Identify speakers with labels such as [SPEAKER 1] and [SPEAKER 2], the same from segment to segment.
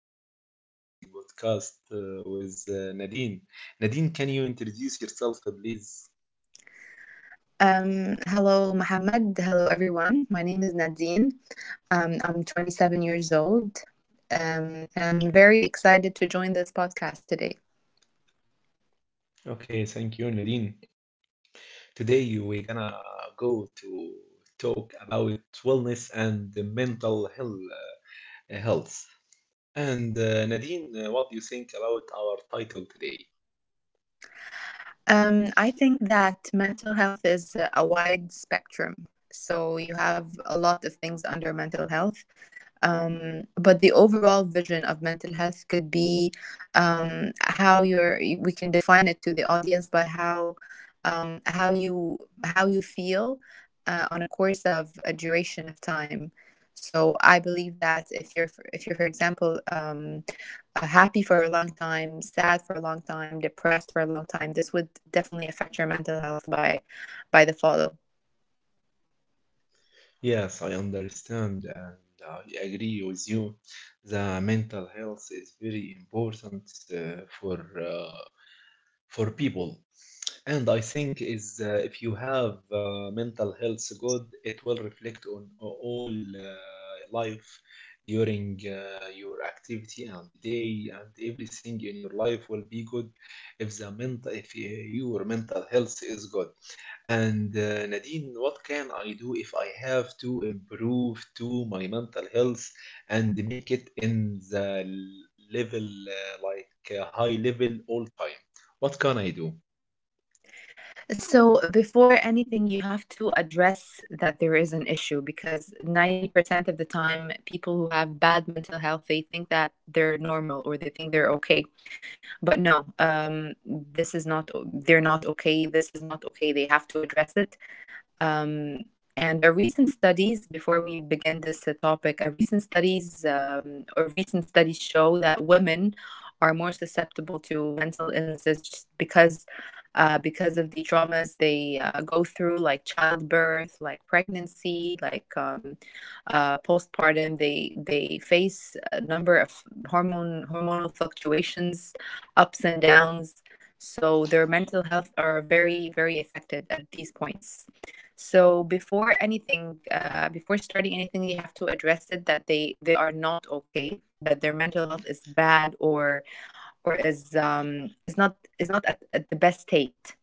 [SPEAKER 1] our amazing podcast with Nadine. Nadine, can you introduce yourself, please?
[SPEAKER 2] Hello, Mohammed. Hello, everyone. My name is Nadine. I'm 27 years old, and I'm very excited to join this podcast today.
[SPEAKER 1] Okay, thank you, Nadine. Today we're gonna go to talk about wellness and the mental health. uh, health. And Nadine, what do you think about our title today?
[SPEAKER 2] I think that mental health is a wide spectrum. So you have a lot of things under mental health. But the overall vision of mental health could be how we can define it to the audience by um, how you how you feel on a course of a duration of time. So I believe that if you're, for example, happy for a long time, sad for a long time, depressed for a long time, this would definitely affect your mental health by the follow.
[SPEAKER 1] Yes, I understand, and I agree with you. The mental health is very important uh, for uh, for people, and I think is if you have mental health good, it will reflect on all life during your activity and the day, and everything in your life will be good if the mental if your mental health is good. And Nadine, what can I do if I have to improve to my mental health and make it in the level, like, high level all time? What can I do?
[SPEAKER 2] So before anything, you have to address that there is an issue, because 90% of the time, people who have bad mental health they think that they're normal, or they think they're okay, but no, this is not. They're not okay. This is not okay. They have to address it. Um, and a recent studies, before we begin this topic, a recent studies, or recent studies show that women are more susceptible to mental illnesses just because of the traumas they go through, like childbirth, like pregnancy, like postpartum. They face a number of hormone hormonal fluctuations, ups and downs. So their mental health are very very affected at these points. So before anything, before starting anything, you have to address it that they are not okay, that their mental health is bad, or is not at, at the best state.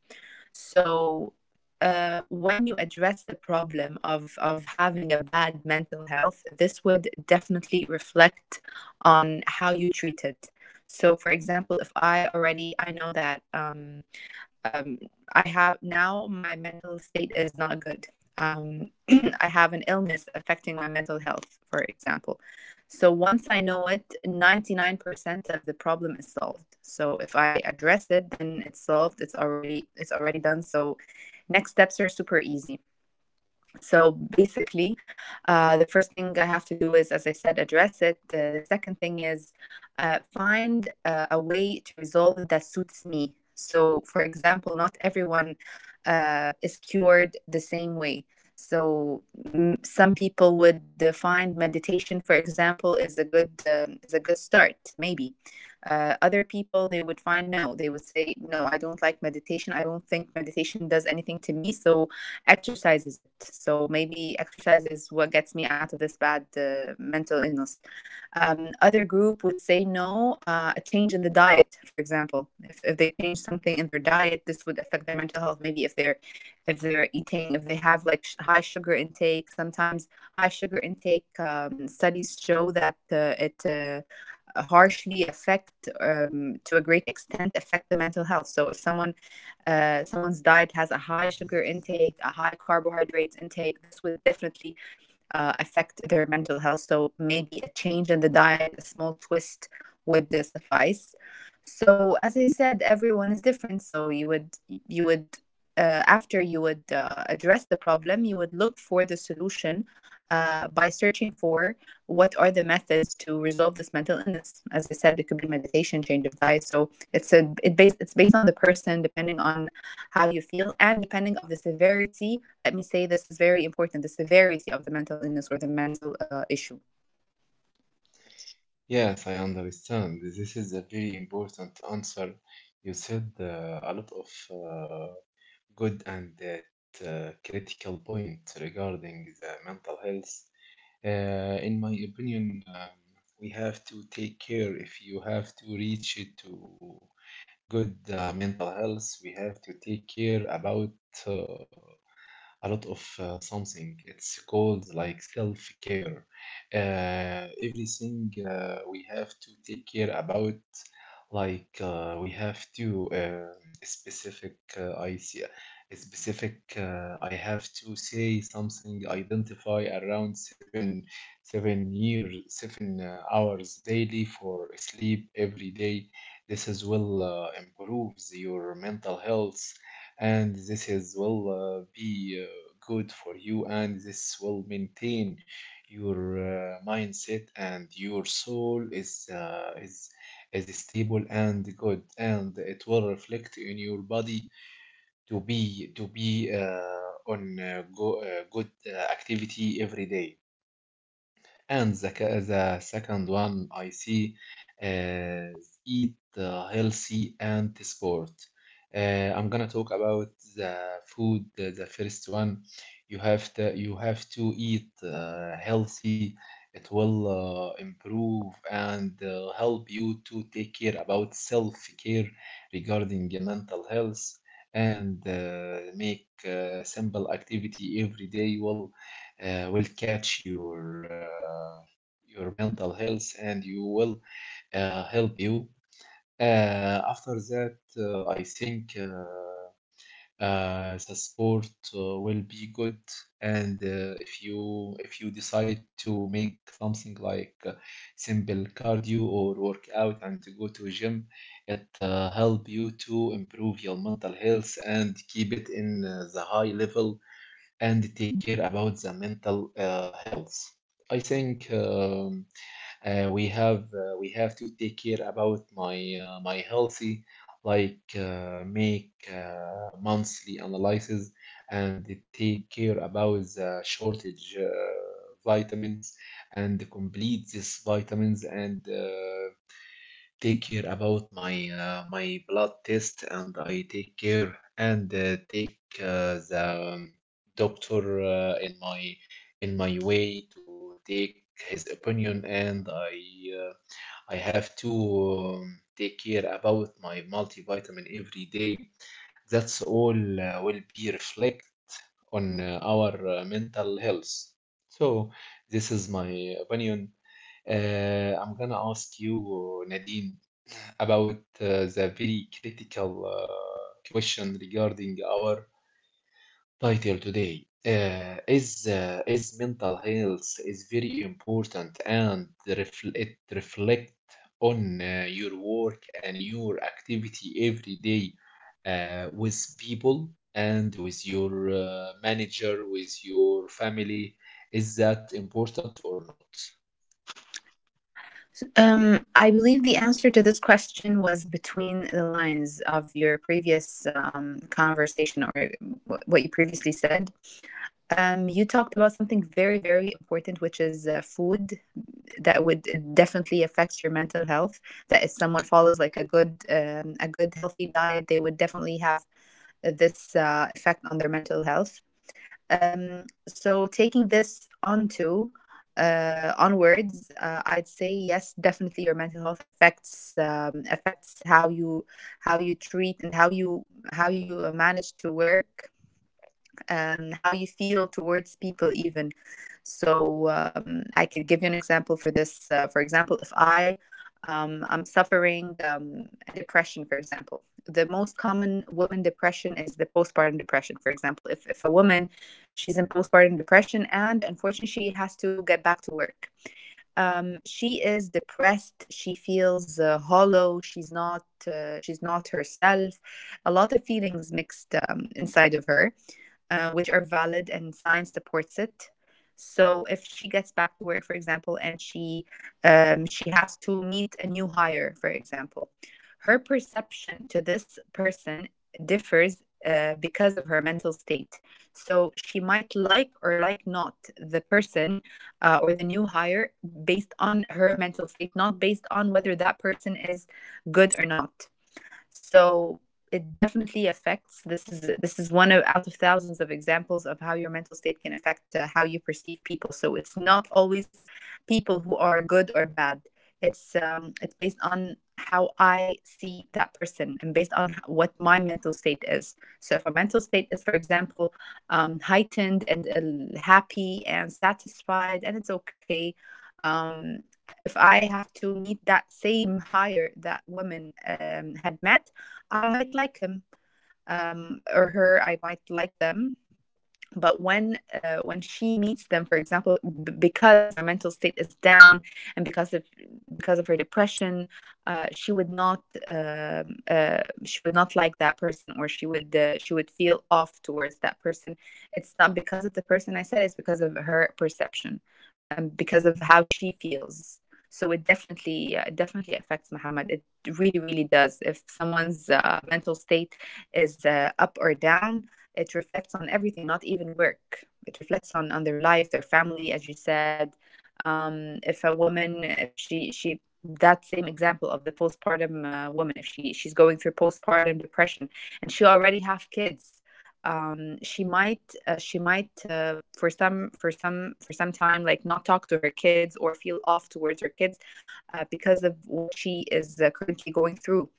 [SPEAKER 2] So when you address the problem of having a bad mental health, this would definitely reflect on how you treat it. So for example, if I already I know that um, I have now my mental state is not good. I have an illness affecting my mental health, for example. So once I know it, 99% of the problem is solved. So if I address it, then it's solved. It's already done. So next steps are super easy. So basically, the first thing I have to do is, as I said, address it. The second thing is find a way to resolve it that suits me. So, for example, not everyone is cured the same way. So, some people would find meditation, for example, is a good start, maybe. Other people they would find no. They would say no, I don't like meditation. I don't think meditation does anything to me. So exercises it. So maybe exercise is what gets me out of this bad mental illness. Other group would say no, a change in the diet, for example. If they change something in their diet, this would affect their mental health. Maybe if they're eating, if they have like high sugar intake, sometimes high sugar intake studies show that it harshly affect to a great extent affect the mental health. So if someone someone's diet has a high sugar intake, a high carbohydrates intake, this would definitely affect their mental health. So maybe a change in the diet, a small twist would suffice. So as I said, everyone is different. So you would after you would address the problem, you would look for the solution by searching for what are the methods to resolve this mental illness. As I said, it could be meditation, change of diet. So it's based on the person, depending on how you feel and depending of the severity. Let me say this is very important, the severity of the mental illness or the mental issue.
[SPEAKER 1] Yes, I understand. This is a very important answer. You said a lot of good and that critical point regarding the mental health. In my opinion, we have to take care if you have to reach it to good mental health. We have to take care about uh, a lot of something. It's called like self care. Everything we have to take care about, like we have to specific. I specific, I have to say something, identify around seven hours daily for sleep every day. This is will improves your mental health, and this is will be good for you, and this will maintain your mindset, and your soul is stable and good, and it will reflect in your body to be on good activity every day. And the second one I see is eat healthy and sport. I'm gonna talk about the food. The first one, you have to eat healthy. It will improve and help you to take care about self-care regarding your mental health, and make simple activity every day will catch your mental health, and you will help you. After that, I think the sport will be good. And if you decide to make something like simple cardio or workout and to go to a gym, it help you to improve your mental health and keep it in the high level, and take care about the mental health. I think we have to take care about my healthy, like make monthly analysis and take care about the shortage vitamins and complete these vitamins, and take care about my blood test, and I take care and take the doctor in my way to take his opinion, and uh, I have to take care about my multivitamin every day. That's all will be reflect on our mental health. So this is my opinion. I'm gonna ask you, Nadine, about the very critical question regarding our title today. Is mental health is very important, and it reflect on your work and your activity every day with people and with your manager, with your family. Is that important or not?
[SPEAKER 2] I believe the answer to this question was between the lines of your previous conversation, or what you previously said. You talked about something very, very important, which is food that would definitely affects your mental health. That if someone follows like a good healthy diet, they would definitely have this effect on their mental health. So taking this onto onwards, I'd say yes, definitely your mental health affects affects how you treat and how you manage to work, how you feel towards people, even. So I could give you an example for this. For example, if I I'm suffering a depression, for example. The most common woman depression is the postpartum depression. For example, if a woman, she's in postpartum depression and unfortunately she has to get back to work, she is depressed, she feels hollow, she's not herself, a lot of feelings mixed inside of her, which are valid and science supports it. So if she gets back to work, for example, and she has to meet a new hire, for example, her perception to this person differs because of her mental state. So she might like or like not the person, or the new hire, based on her mental state, not based on whether that person is good or not. So it definitely affects. This is one of, out of thousands of examples of how your mental state can affect how you perceive people. So it's not always people who are good or bad. It's based on how I see that person and based on what my mental state is. So if our mental state is, for example, heightened and happy and satisfied and it's okay, um if I have to meet that same hire that woman had met, I might like him, or her. I might like them. But when she meets them, for example, because her mental state is down, and because of her depression, she would not like that person, or she would feel off towards that person. It's not because of the person, I said, it's because of her perception, and because of how she feels. So it definitely affects, Muhammad. It really really does. If someone's mental state is up or down, it reflects on everything, not even work. It reflects on their life, their family, as you said. If a woman, if she, that same example of the postpartum woman, if she's going through postpartum depression and she already have kids, she might for some time like not talk to her kids or feel off towards her kids, because of what she is currently going through,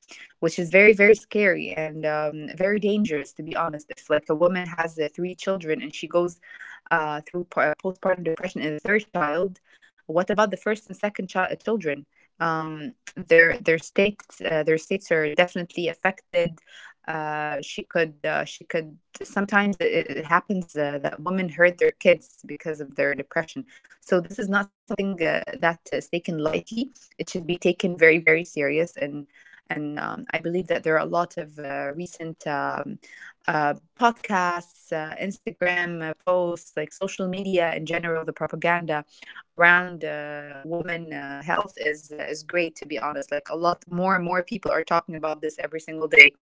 [SPEAKER 2] which is very very scary and, very dangerous, to be honest. If like a woman has three children and she goes through postpartum depression in the third child, what about the first and second children? Their their states are definitely affected. She could sometimes, it happens that women hurt their kids because of their depression. So this is not something that is taken lightly. It should be taken very very serious. And I believe that there are a lot of recent podcasts, Instagram posts, like social media in general. The propaganda around women health is great, to be honest. Like a lot, more and more people are talking about this every single day.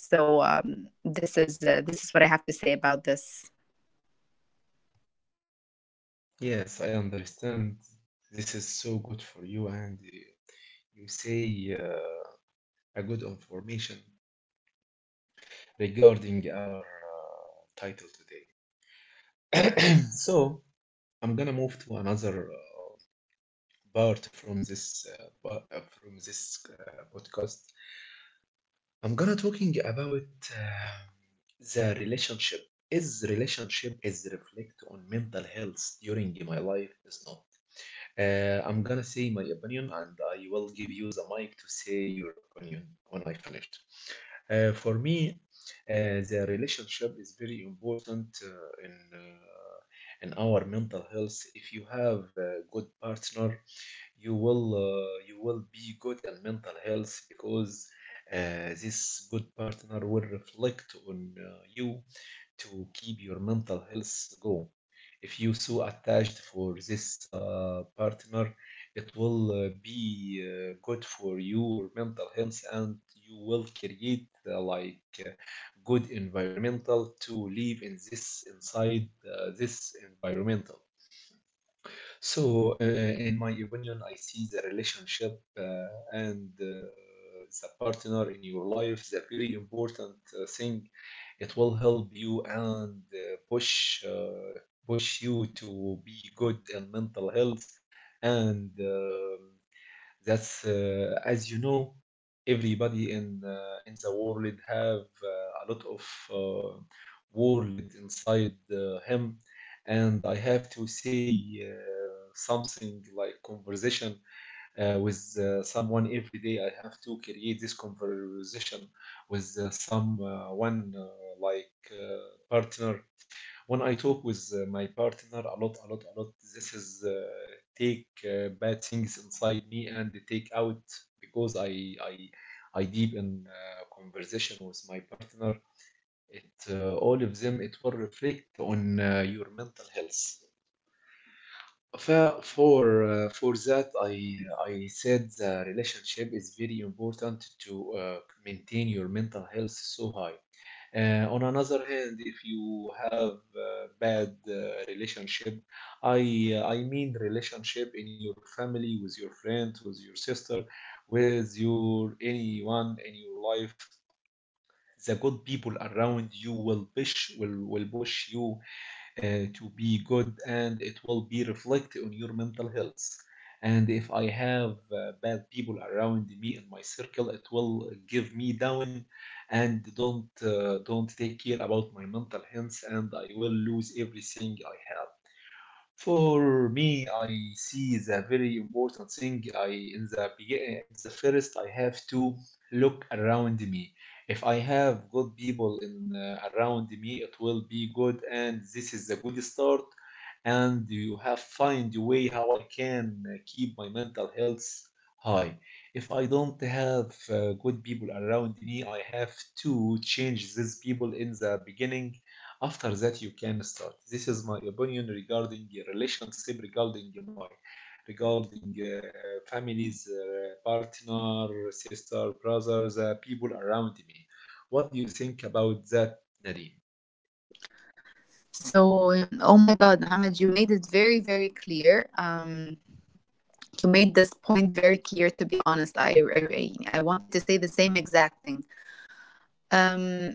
[SPEAKER 2] So this is what I have to say about this.
[SPEAKER 1] Yes, I understand. This is so good for you, and you say a good information regarding our title today. So I'm gonna move to another part from this podcast. I'm gonna talking about the relationship. Is relationship is reflect on mental health during my life is not. I'm gonna say my opinion, and I will give you the mic to say your opinion when I finished. For me, the relationship is very important in our mental health. If you have a good partner, you will be good in mental health, because this good partner will reflect on you to keep your mental health going. If you so attached for this partner, it will be good for your mental health, and you will create like, good environmental to live in this environmental. So, in my opinion, I see the relationship and the partner in your life, the very important thing. It will help you and push you to be good in mental health. And. That's As you know, everybody in the world have a lot of world inside him, and I have to say something like conversation with someone every day. I have to create this conversation with someone, like partner. When I talk with my partner a lot, a lot, a lot, this is take bad things inside me and take out, because I deep in conversation with my partner. It all of them, it will reflect on your mental health. For that, I said the relationship is very important to maintain your mental health so high. On another hand, if you have bad relationship, I mean relationship in your family, with your friend, with your sister, with your anyone in your life, the good people around you will push, will push you uh, to be good, and it will be reflected on your mental health. And if I have bad people around me in my circle, it will give me down, and don't take care about my mental health, and I will lose everything I have. For me, I see the very important thing. I in the begi- In the first, I have to look around me. If I have good people in around me, it will be good, and this is a good start. And you have find a way how I can keep my mental health high. If I don't have good people around me, I have to change these people in the beginning. After that, you can start. This is my opinion regarding relationship, regarding families, partner, sister, brothers, people around me. What do you think about that, Nadeem?
[SPEAKER 2] So, oh my God, Muhammad, you made it very, very clear. You made this point very clear, to be honest. I wanted to say the same exact thing. Um,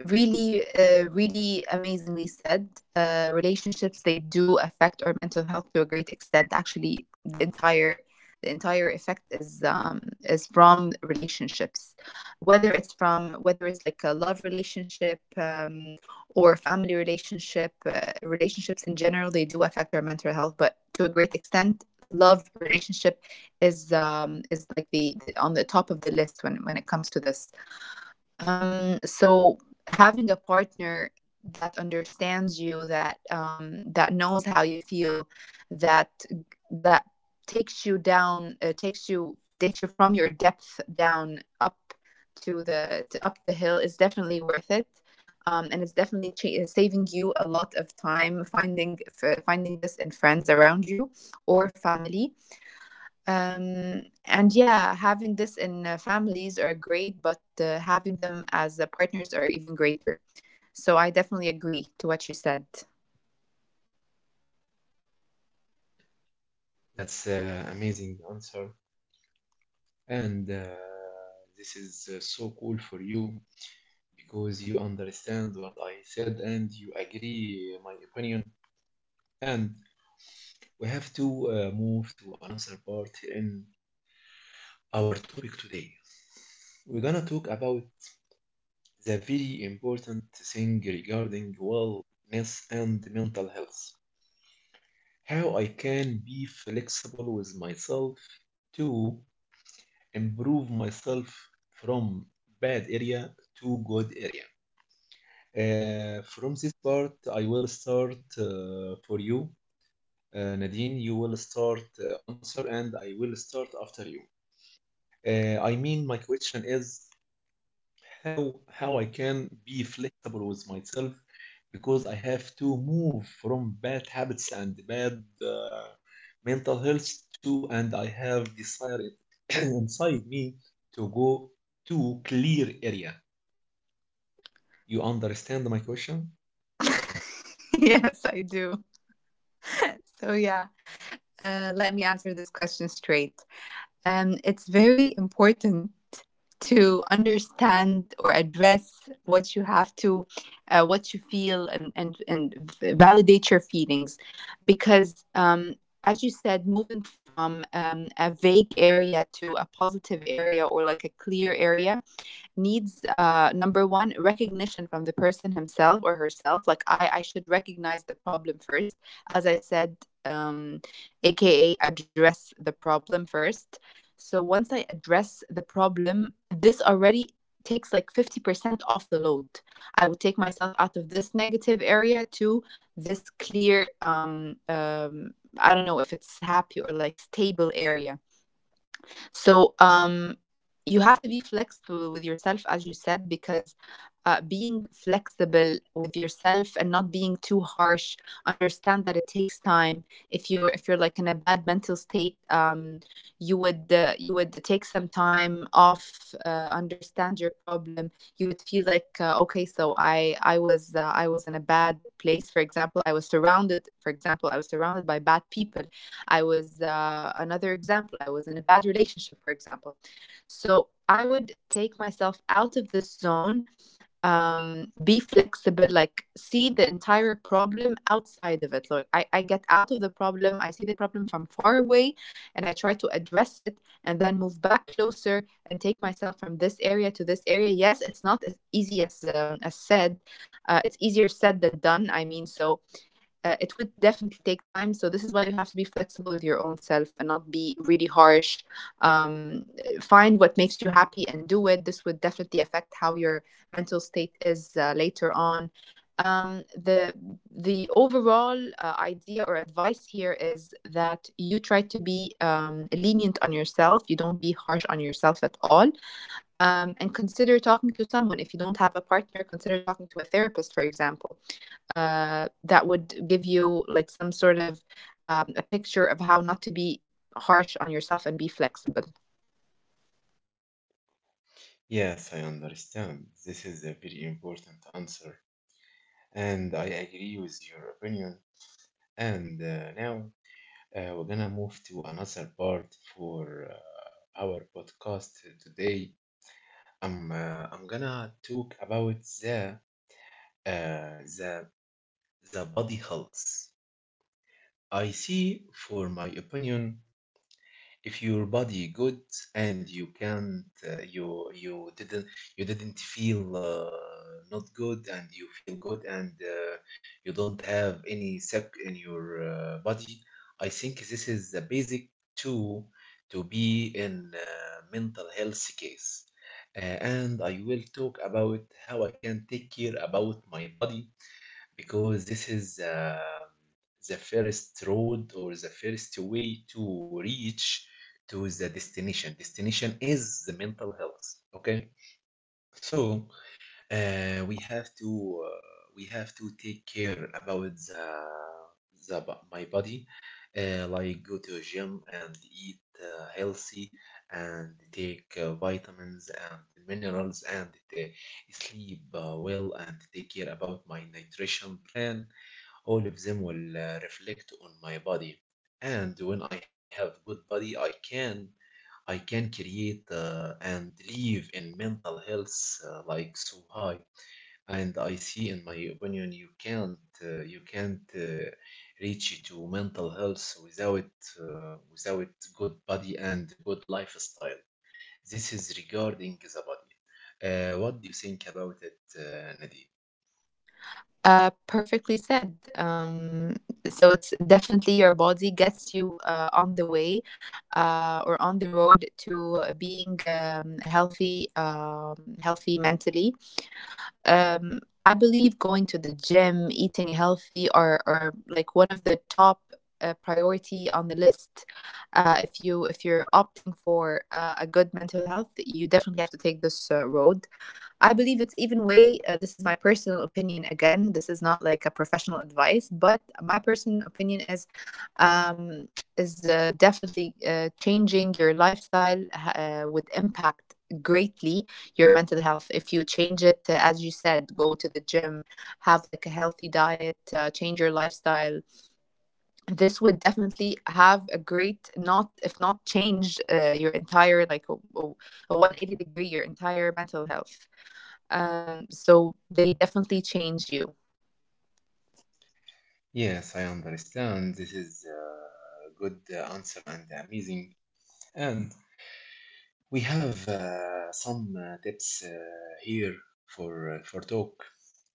[SPEAKER 2] Really really amazingly said. Relationships, they do affect our mental health to a great extent. Actually the entire effect is from relationships, whether it's from, whether it's like a love relationship, or family relationship. Relationships in general, they do affect our mental health, but to a great extent love relationship is like the on the top of the list when it comes to this. So having a partner that understands you, that that knows how you feel, that that takes you down, takes you from your depth down up to the to up the hill, is definitely worth it. And it's definitely saving you a lot of time finding finding this in friends around you or family, and yeah, having this in families are great, but having them as partners are even greater. So I definitely agree to what you said.
[SPEAKER 1] That's amazing answer, and this is so cool for you, because you understand what I said, and you agree my opinion. And we have to move to another part in our topic today. We're gonna talk about the very important thing regarding wellness and mental health. How I can be flexible with myself to improve myself from bad area to good area. From this part, I will start for you. Nadine, you will start answer, and I will start after you. I mean, my question is how I can be flexible with myself, because I have to move from bad habits and bad uh, mental health to, and I have desire it inside me to go to clear area. You understand my question?
[SPEAKER 2] Yes, I do. So yeah, let me answer this question straight. It's very important to understand or address what you have to what you feel and and validate your feelings because as you said, moving from a vague area to a positive area or like a clear area needs number one recognition from the person himself or herself. Like I should recognize the problem first, as I said, um, aka address the problem first. So once I address the problem, this already takes like 50% off the load. I would take myself out of this negative area to this clear, I don't know if it's happy or like stable area. So you have to be flexible with yourself, as you said, because being flexible with yourself and not being too harsh. Understand that it takes time. If you're like in a bad mental state, you would take some time off. Understand your problem. You would feel like okay, so I was I was in a bad place. For example, I was surrounded. For example, I was surrounded by bad people. I was another example. I was in a bad relationship, for example. So I would take myself out of this zone. Be flexible, like see the entire problem outside of it. Like I get out of the problem, I see the problem from far away, and I try to address it and then move back closer and take myself from this area to this area. Yes, it's not as easy as said. It's easier said than done, I mean. So it would definitely take time. So this is why you have to be flexible with your own self and not be really harsh. Um, Find what makes you happy and do it. This would definitely affect how your mental state is later on. Um, the the overall idea or advice here is that you try to be lenient on yourself. You don't be harsh on yourself at all, and consider talking to someone. If you don't have a partner, consider talking to a therapist, for example, that would give you like some sort of a picture of how not to be harsh on yourself and be flexible.
[SPEAKER 1] Yes, I understand. This is a very important answer, and I agree with your opinion. And now, we're gonna move to another part for our podcast today. I'm gonna talk about uh, the the body health. I see, for my opinion, if your body good and you didn't feel not good, and you feel good, and you don't have any sick in your body, I think this is the basic to be in mental health case. And I will talk about how I can take care about my body, because this is the first road or the first way to reach to the destination. Destination is the mental health. Okay, so uh, we have to we have to take care about my body, like go to a gym and eat healthy and take vitamins and minerals, and sleep well, and take care about my nutrition plan. All of them will reflect on my body. And when I have good body, I can create and live in mental health, like so high. And I see, in my opinion, you can't reach to mental health without good body and good lifestyle. This is regarding the body. What do you think about it, Nadeem?
[SPEAKER 2] Perfectly said. So it's definitely your body gets you on the way or on the road to being healthy, healthy mentally. I believe going to the gym, eating healthy are like one of the top priority on the list. If you're opting for a good mental health, you definitely have to take this road. I believe it's even way, this is my personal opinion. Again, this is not like a professional advice, but my personal opinion um, is definitely changing your lifestyle would impact greatly your mental health if you change it, as you said, go to the gym, have like a healthy diet, change your lifestyle. This would definitely have a great, not if not change your entire, like a 180-degree your entire mental health. So they definitely change you.
[SPEAKER 1] Yes, I understand. This is a good answer and amazing. And we have some tips here for talk.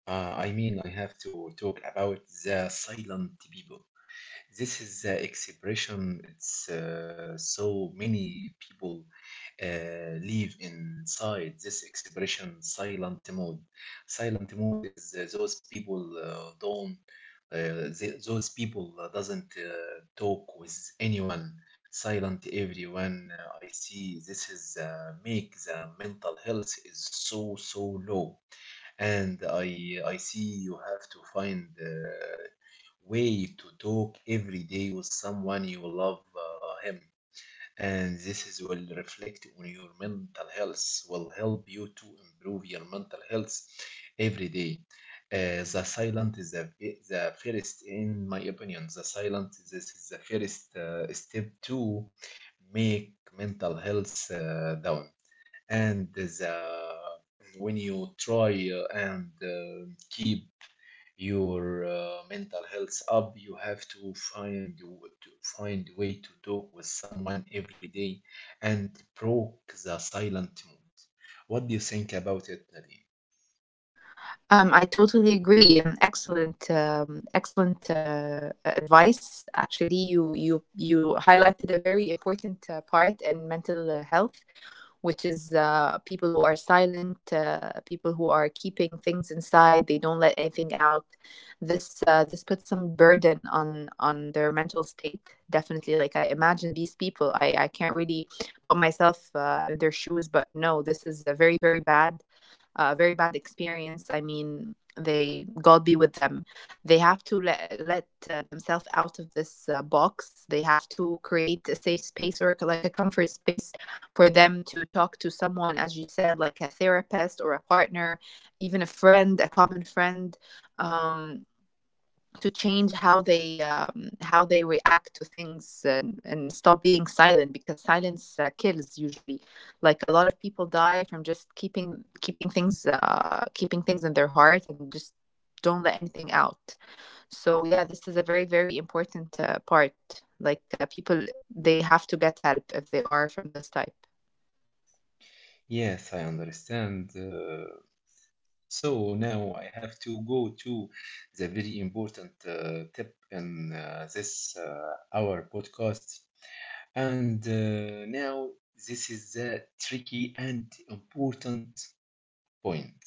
[SPEAKER 1] I mean, I have to talk about the silent people. This is the expression. It's so many people live inside this expression silent mode. Silent mode is those people don't. Those people doesn't talk with anyone. Silent everyone. I see. This is make the mental health is so low, and I see you have to find. Way to talk every day with someone you love him, and this is will reflect on your mental health, will help you to improve your mental health every day. The silent is the first, in my opinion. The silent, this is the first step to make mental health down. And the when you try and keep your mental health up, you have to to find way to talk with someone every day and broke the silent mood. What do you think about it, Nadeem?
[SPEAKER 2] I totally agree. Excellent, excellent advice. Actually, you highlighted a very important part in mental health, which is people who are silent, people who are keeping things inside. They don't let anything out. This puts some burden on their mental state. Definitely, like I imagine these people. I can't really put myself in their shoes. But no, this is a very very bad experience, I mean. They, God be with them. They have to let themselves out of this box. They have to create a safe space or like a comfort space for them to talk to someone, as you said, like a therapist or a partner, even a friend, a common friend, um, to change how they react to things and stop being silent because silence kills usually. Like a lot of people die from just keeping things in their heart and just don't let anything out. So yeah, this is a very, very important part. Like people, they have to get help if they are from this type.
[SPEAKER 1] Yes, I understand. So now I have to go to the very important tip in this our podcast. And now, this is the tricky and important point.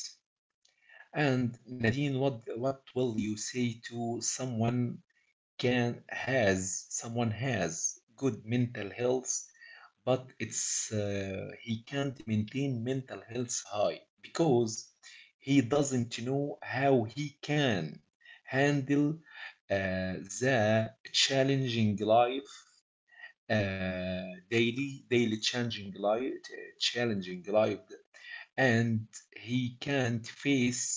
[SPEAKER 1] And Nadine, what will you say to someone, can has someone has good mental health, but it's he can't maintain mental health high, because he doesn't know how he can handle uh, the challenging life, daily changing life, challenging life, and he can't face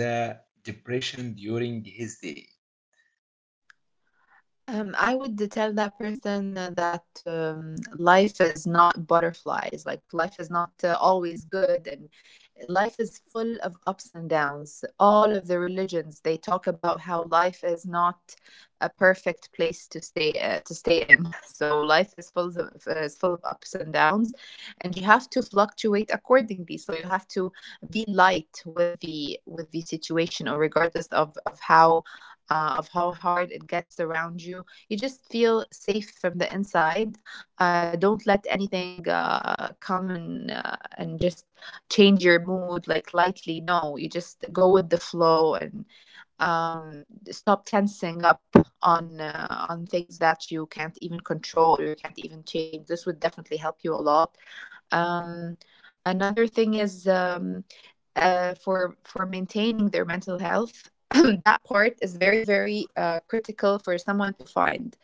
[SPEAKER 1] the depression during his day.
[SPEAKER 2] I would tell that person that life is not butterflies. Like life is not always good, and life is full of ups and downs. All of the religions, they talk about how life is not a perfect place to stay in. So life is full of, is full of ups and downs, and you have to fluctuate accordingly. So you have to be light with the, with the situation, or regardless of, of how hard it gets around you. You just feel safe from the inside. Don't let anything come and just change your mood like lightly. No, you just go with the flow and um, stop tensing up on things that you can't even control or you can't even change. This would definitely help you a lot. Um, Another thing is for maintaining their mental health. That part is very very critical for someone to find,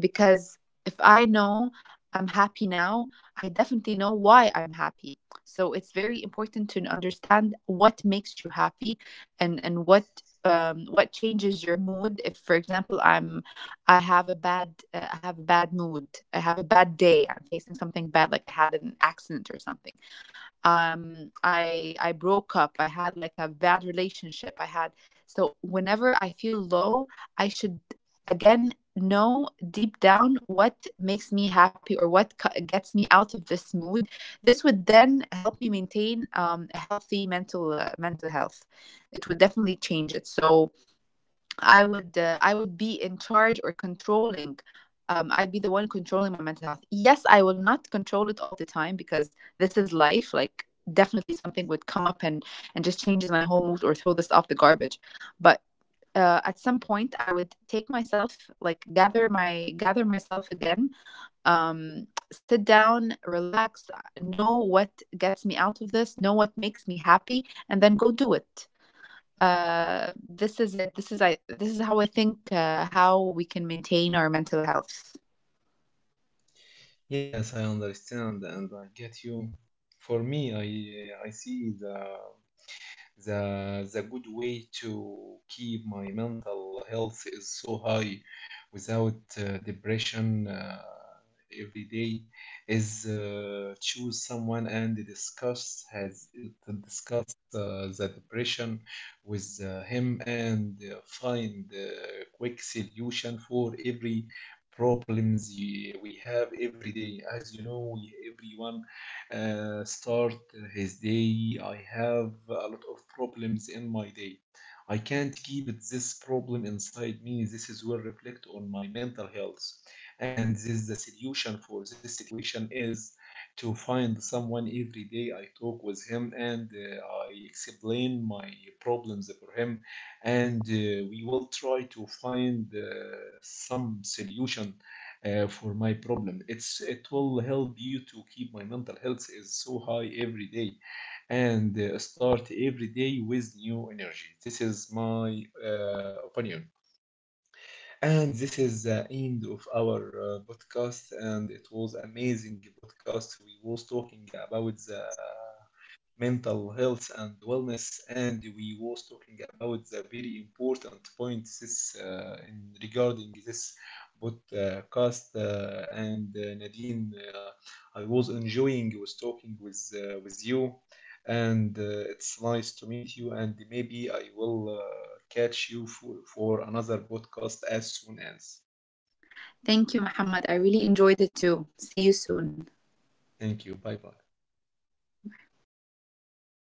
[SPEAKER 2] because if I know I'm happy now, I definitely know why I'm happy. So it's very important to understand what makes you happy, and what changes your mood. If, for example, I have a bad, I have a bad mood. I have a bad day. I'm facing something bad, like I had an accident or something. I broke up. I had like a bad relationship. I had, so whenever I feel low, I should again know deep down what makes me happy or what gets me out of this mood. This would then help me maintain a healthy mental mental health. It would definitely change it. So I would be in charge or controlling. I'd be the one controlling my mental health. Yes, I will not control it all the time because this is life. Like definitely something would come up and just changes my whole mood or throw this off the garbage. But at some point, I would take myself like gather myself again. Sit down, relax, know what gets me out of this, know what makes me happy, and then go do it. This is how I think how we can maintain our mental health.
[SPEAKER 1] Yes, I understand, and I get you. For me, I see the good way to keep my mental health is so high without depression every day is choose someone and discuss, has to discuss the depression with him, and find quick solution for every problems we have every day. As you know, everyone start his day. I have a lot of problems in my day. I can't keep it, this problem inside me. This is will reflect on my mental health. And this is the solution for this situation is to find someone every day. I talk with him, and I explain my problems for him, and we will try to find some solution for my problem. It will help you to keep my mental health is so high every day, and start every day with new energy. This is my opinion, and this is the end of our podcast. And it was amazing podcast. We was talking about the mental health and wellness, and we was talking about the very important points in regarding this podcast, and Nadine, I was enjoying was talking with you, and it's nice to meet you, and maybe I will catch you for another podcast as soon as.
[SPEAKER 2] Thank you, Muhammad. I really enjoyed it too. See you soon.
[SPEAKER 1] Thank you. Bye bye.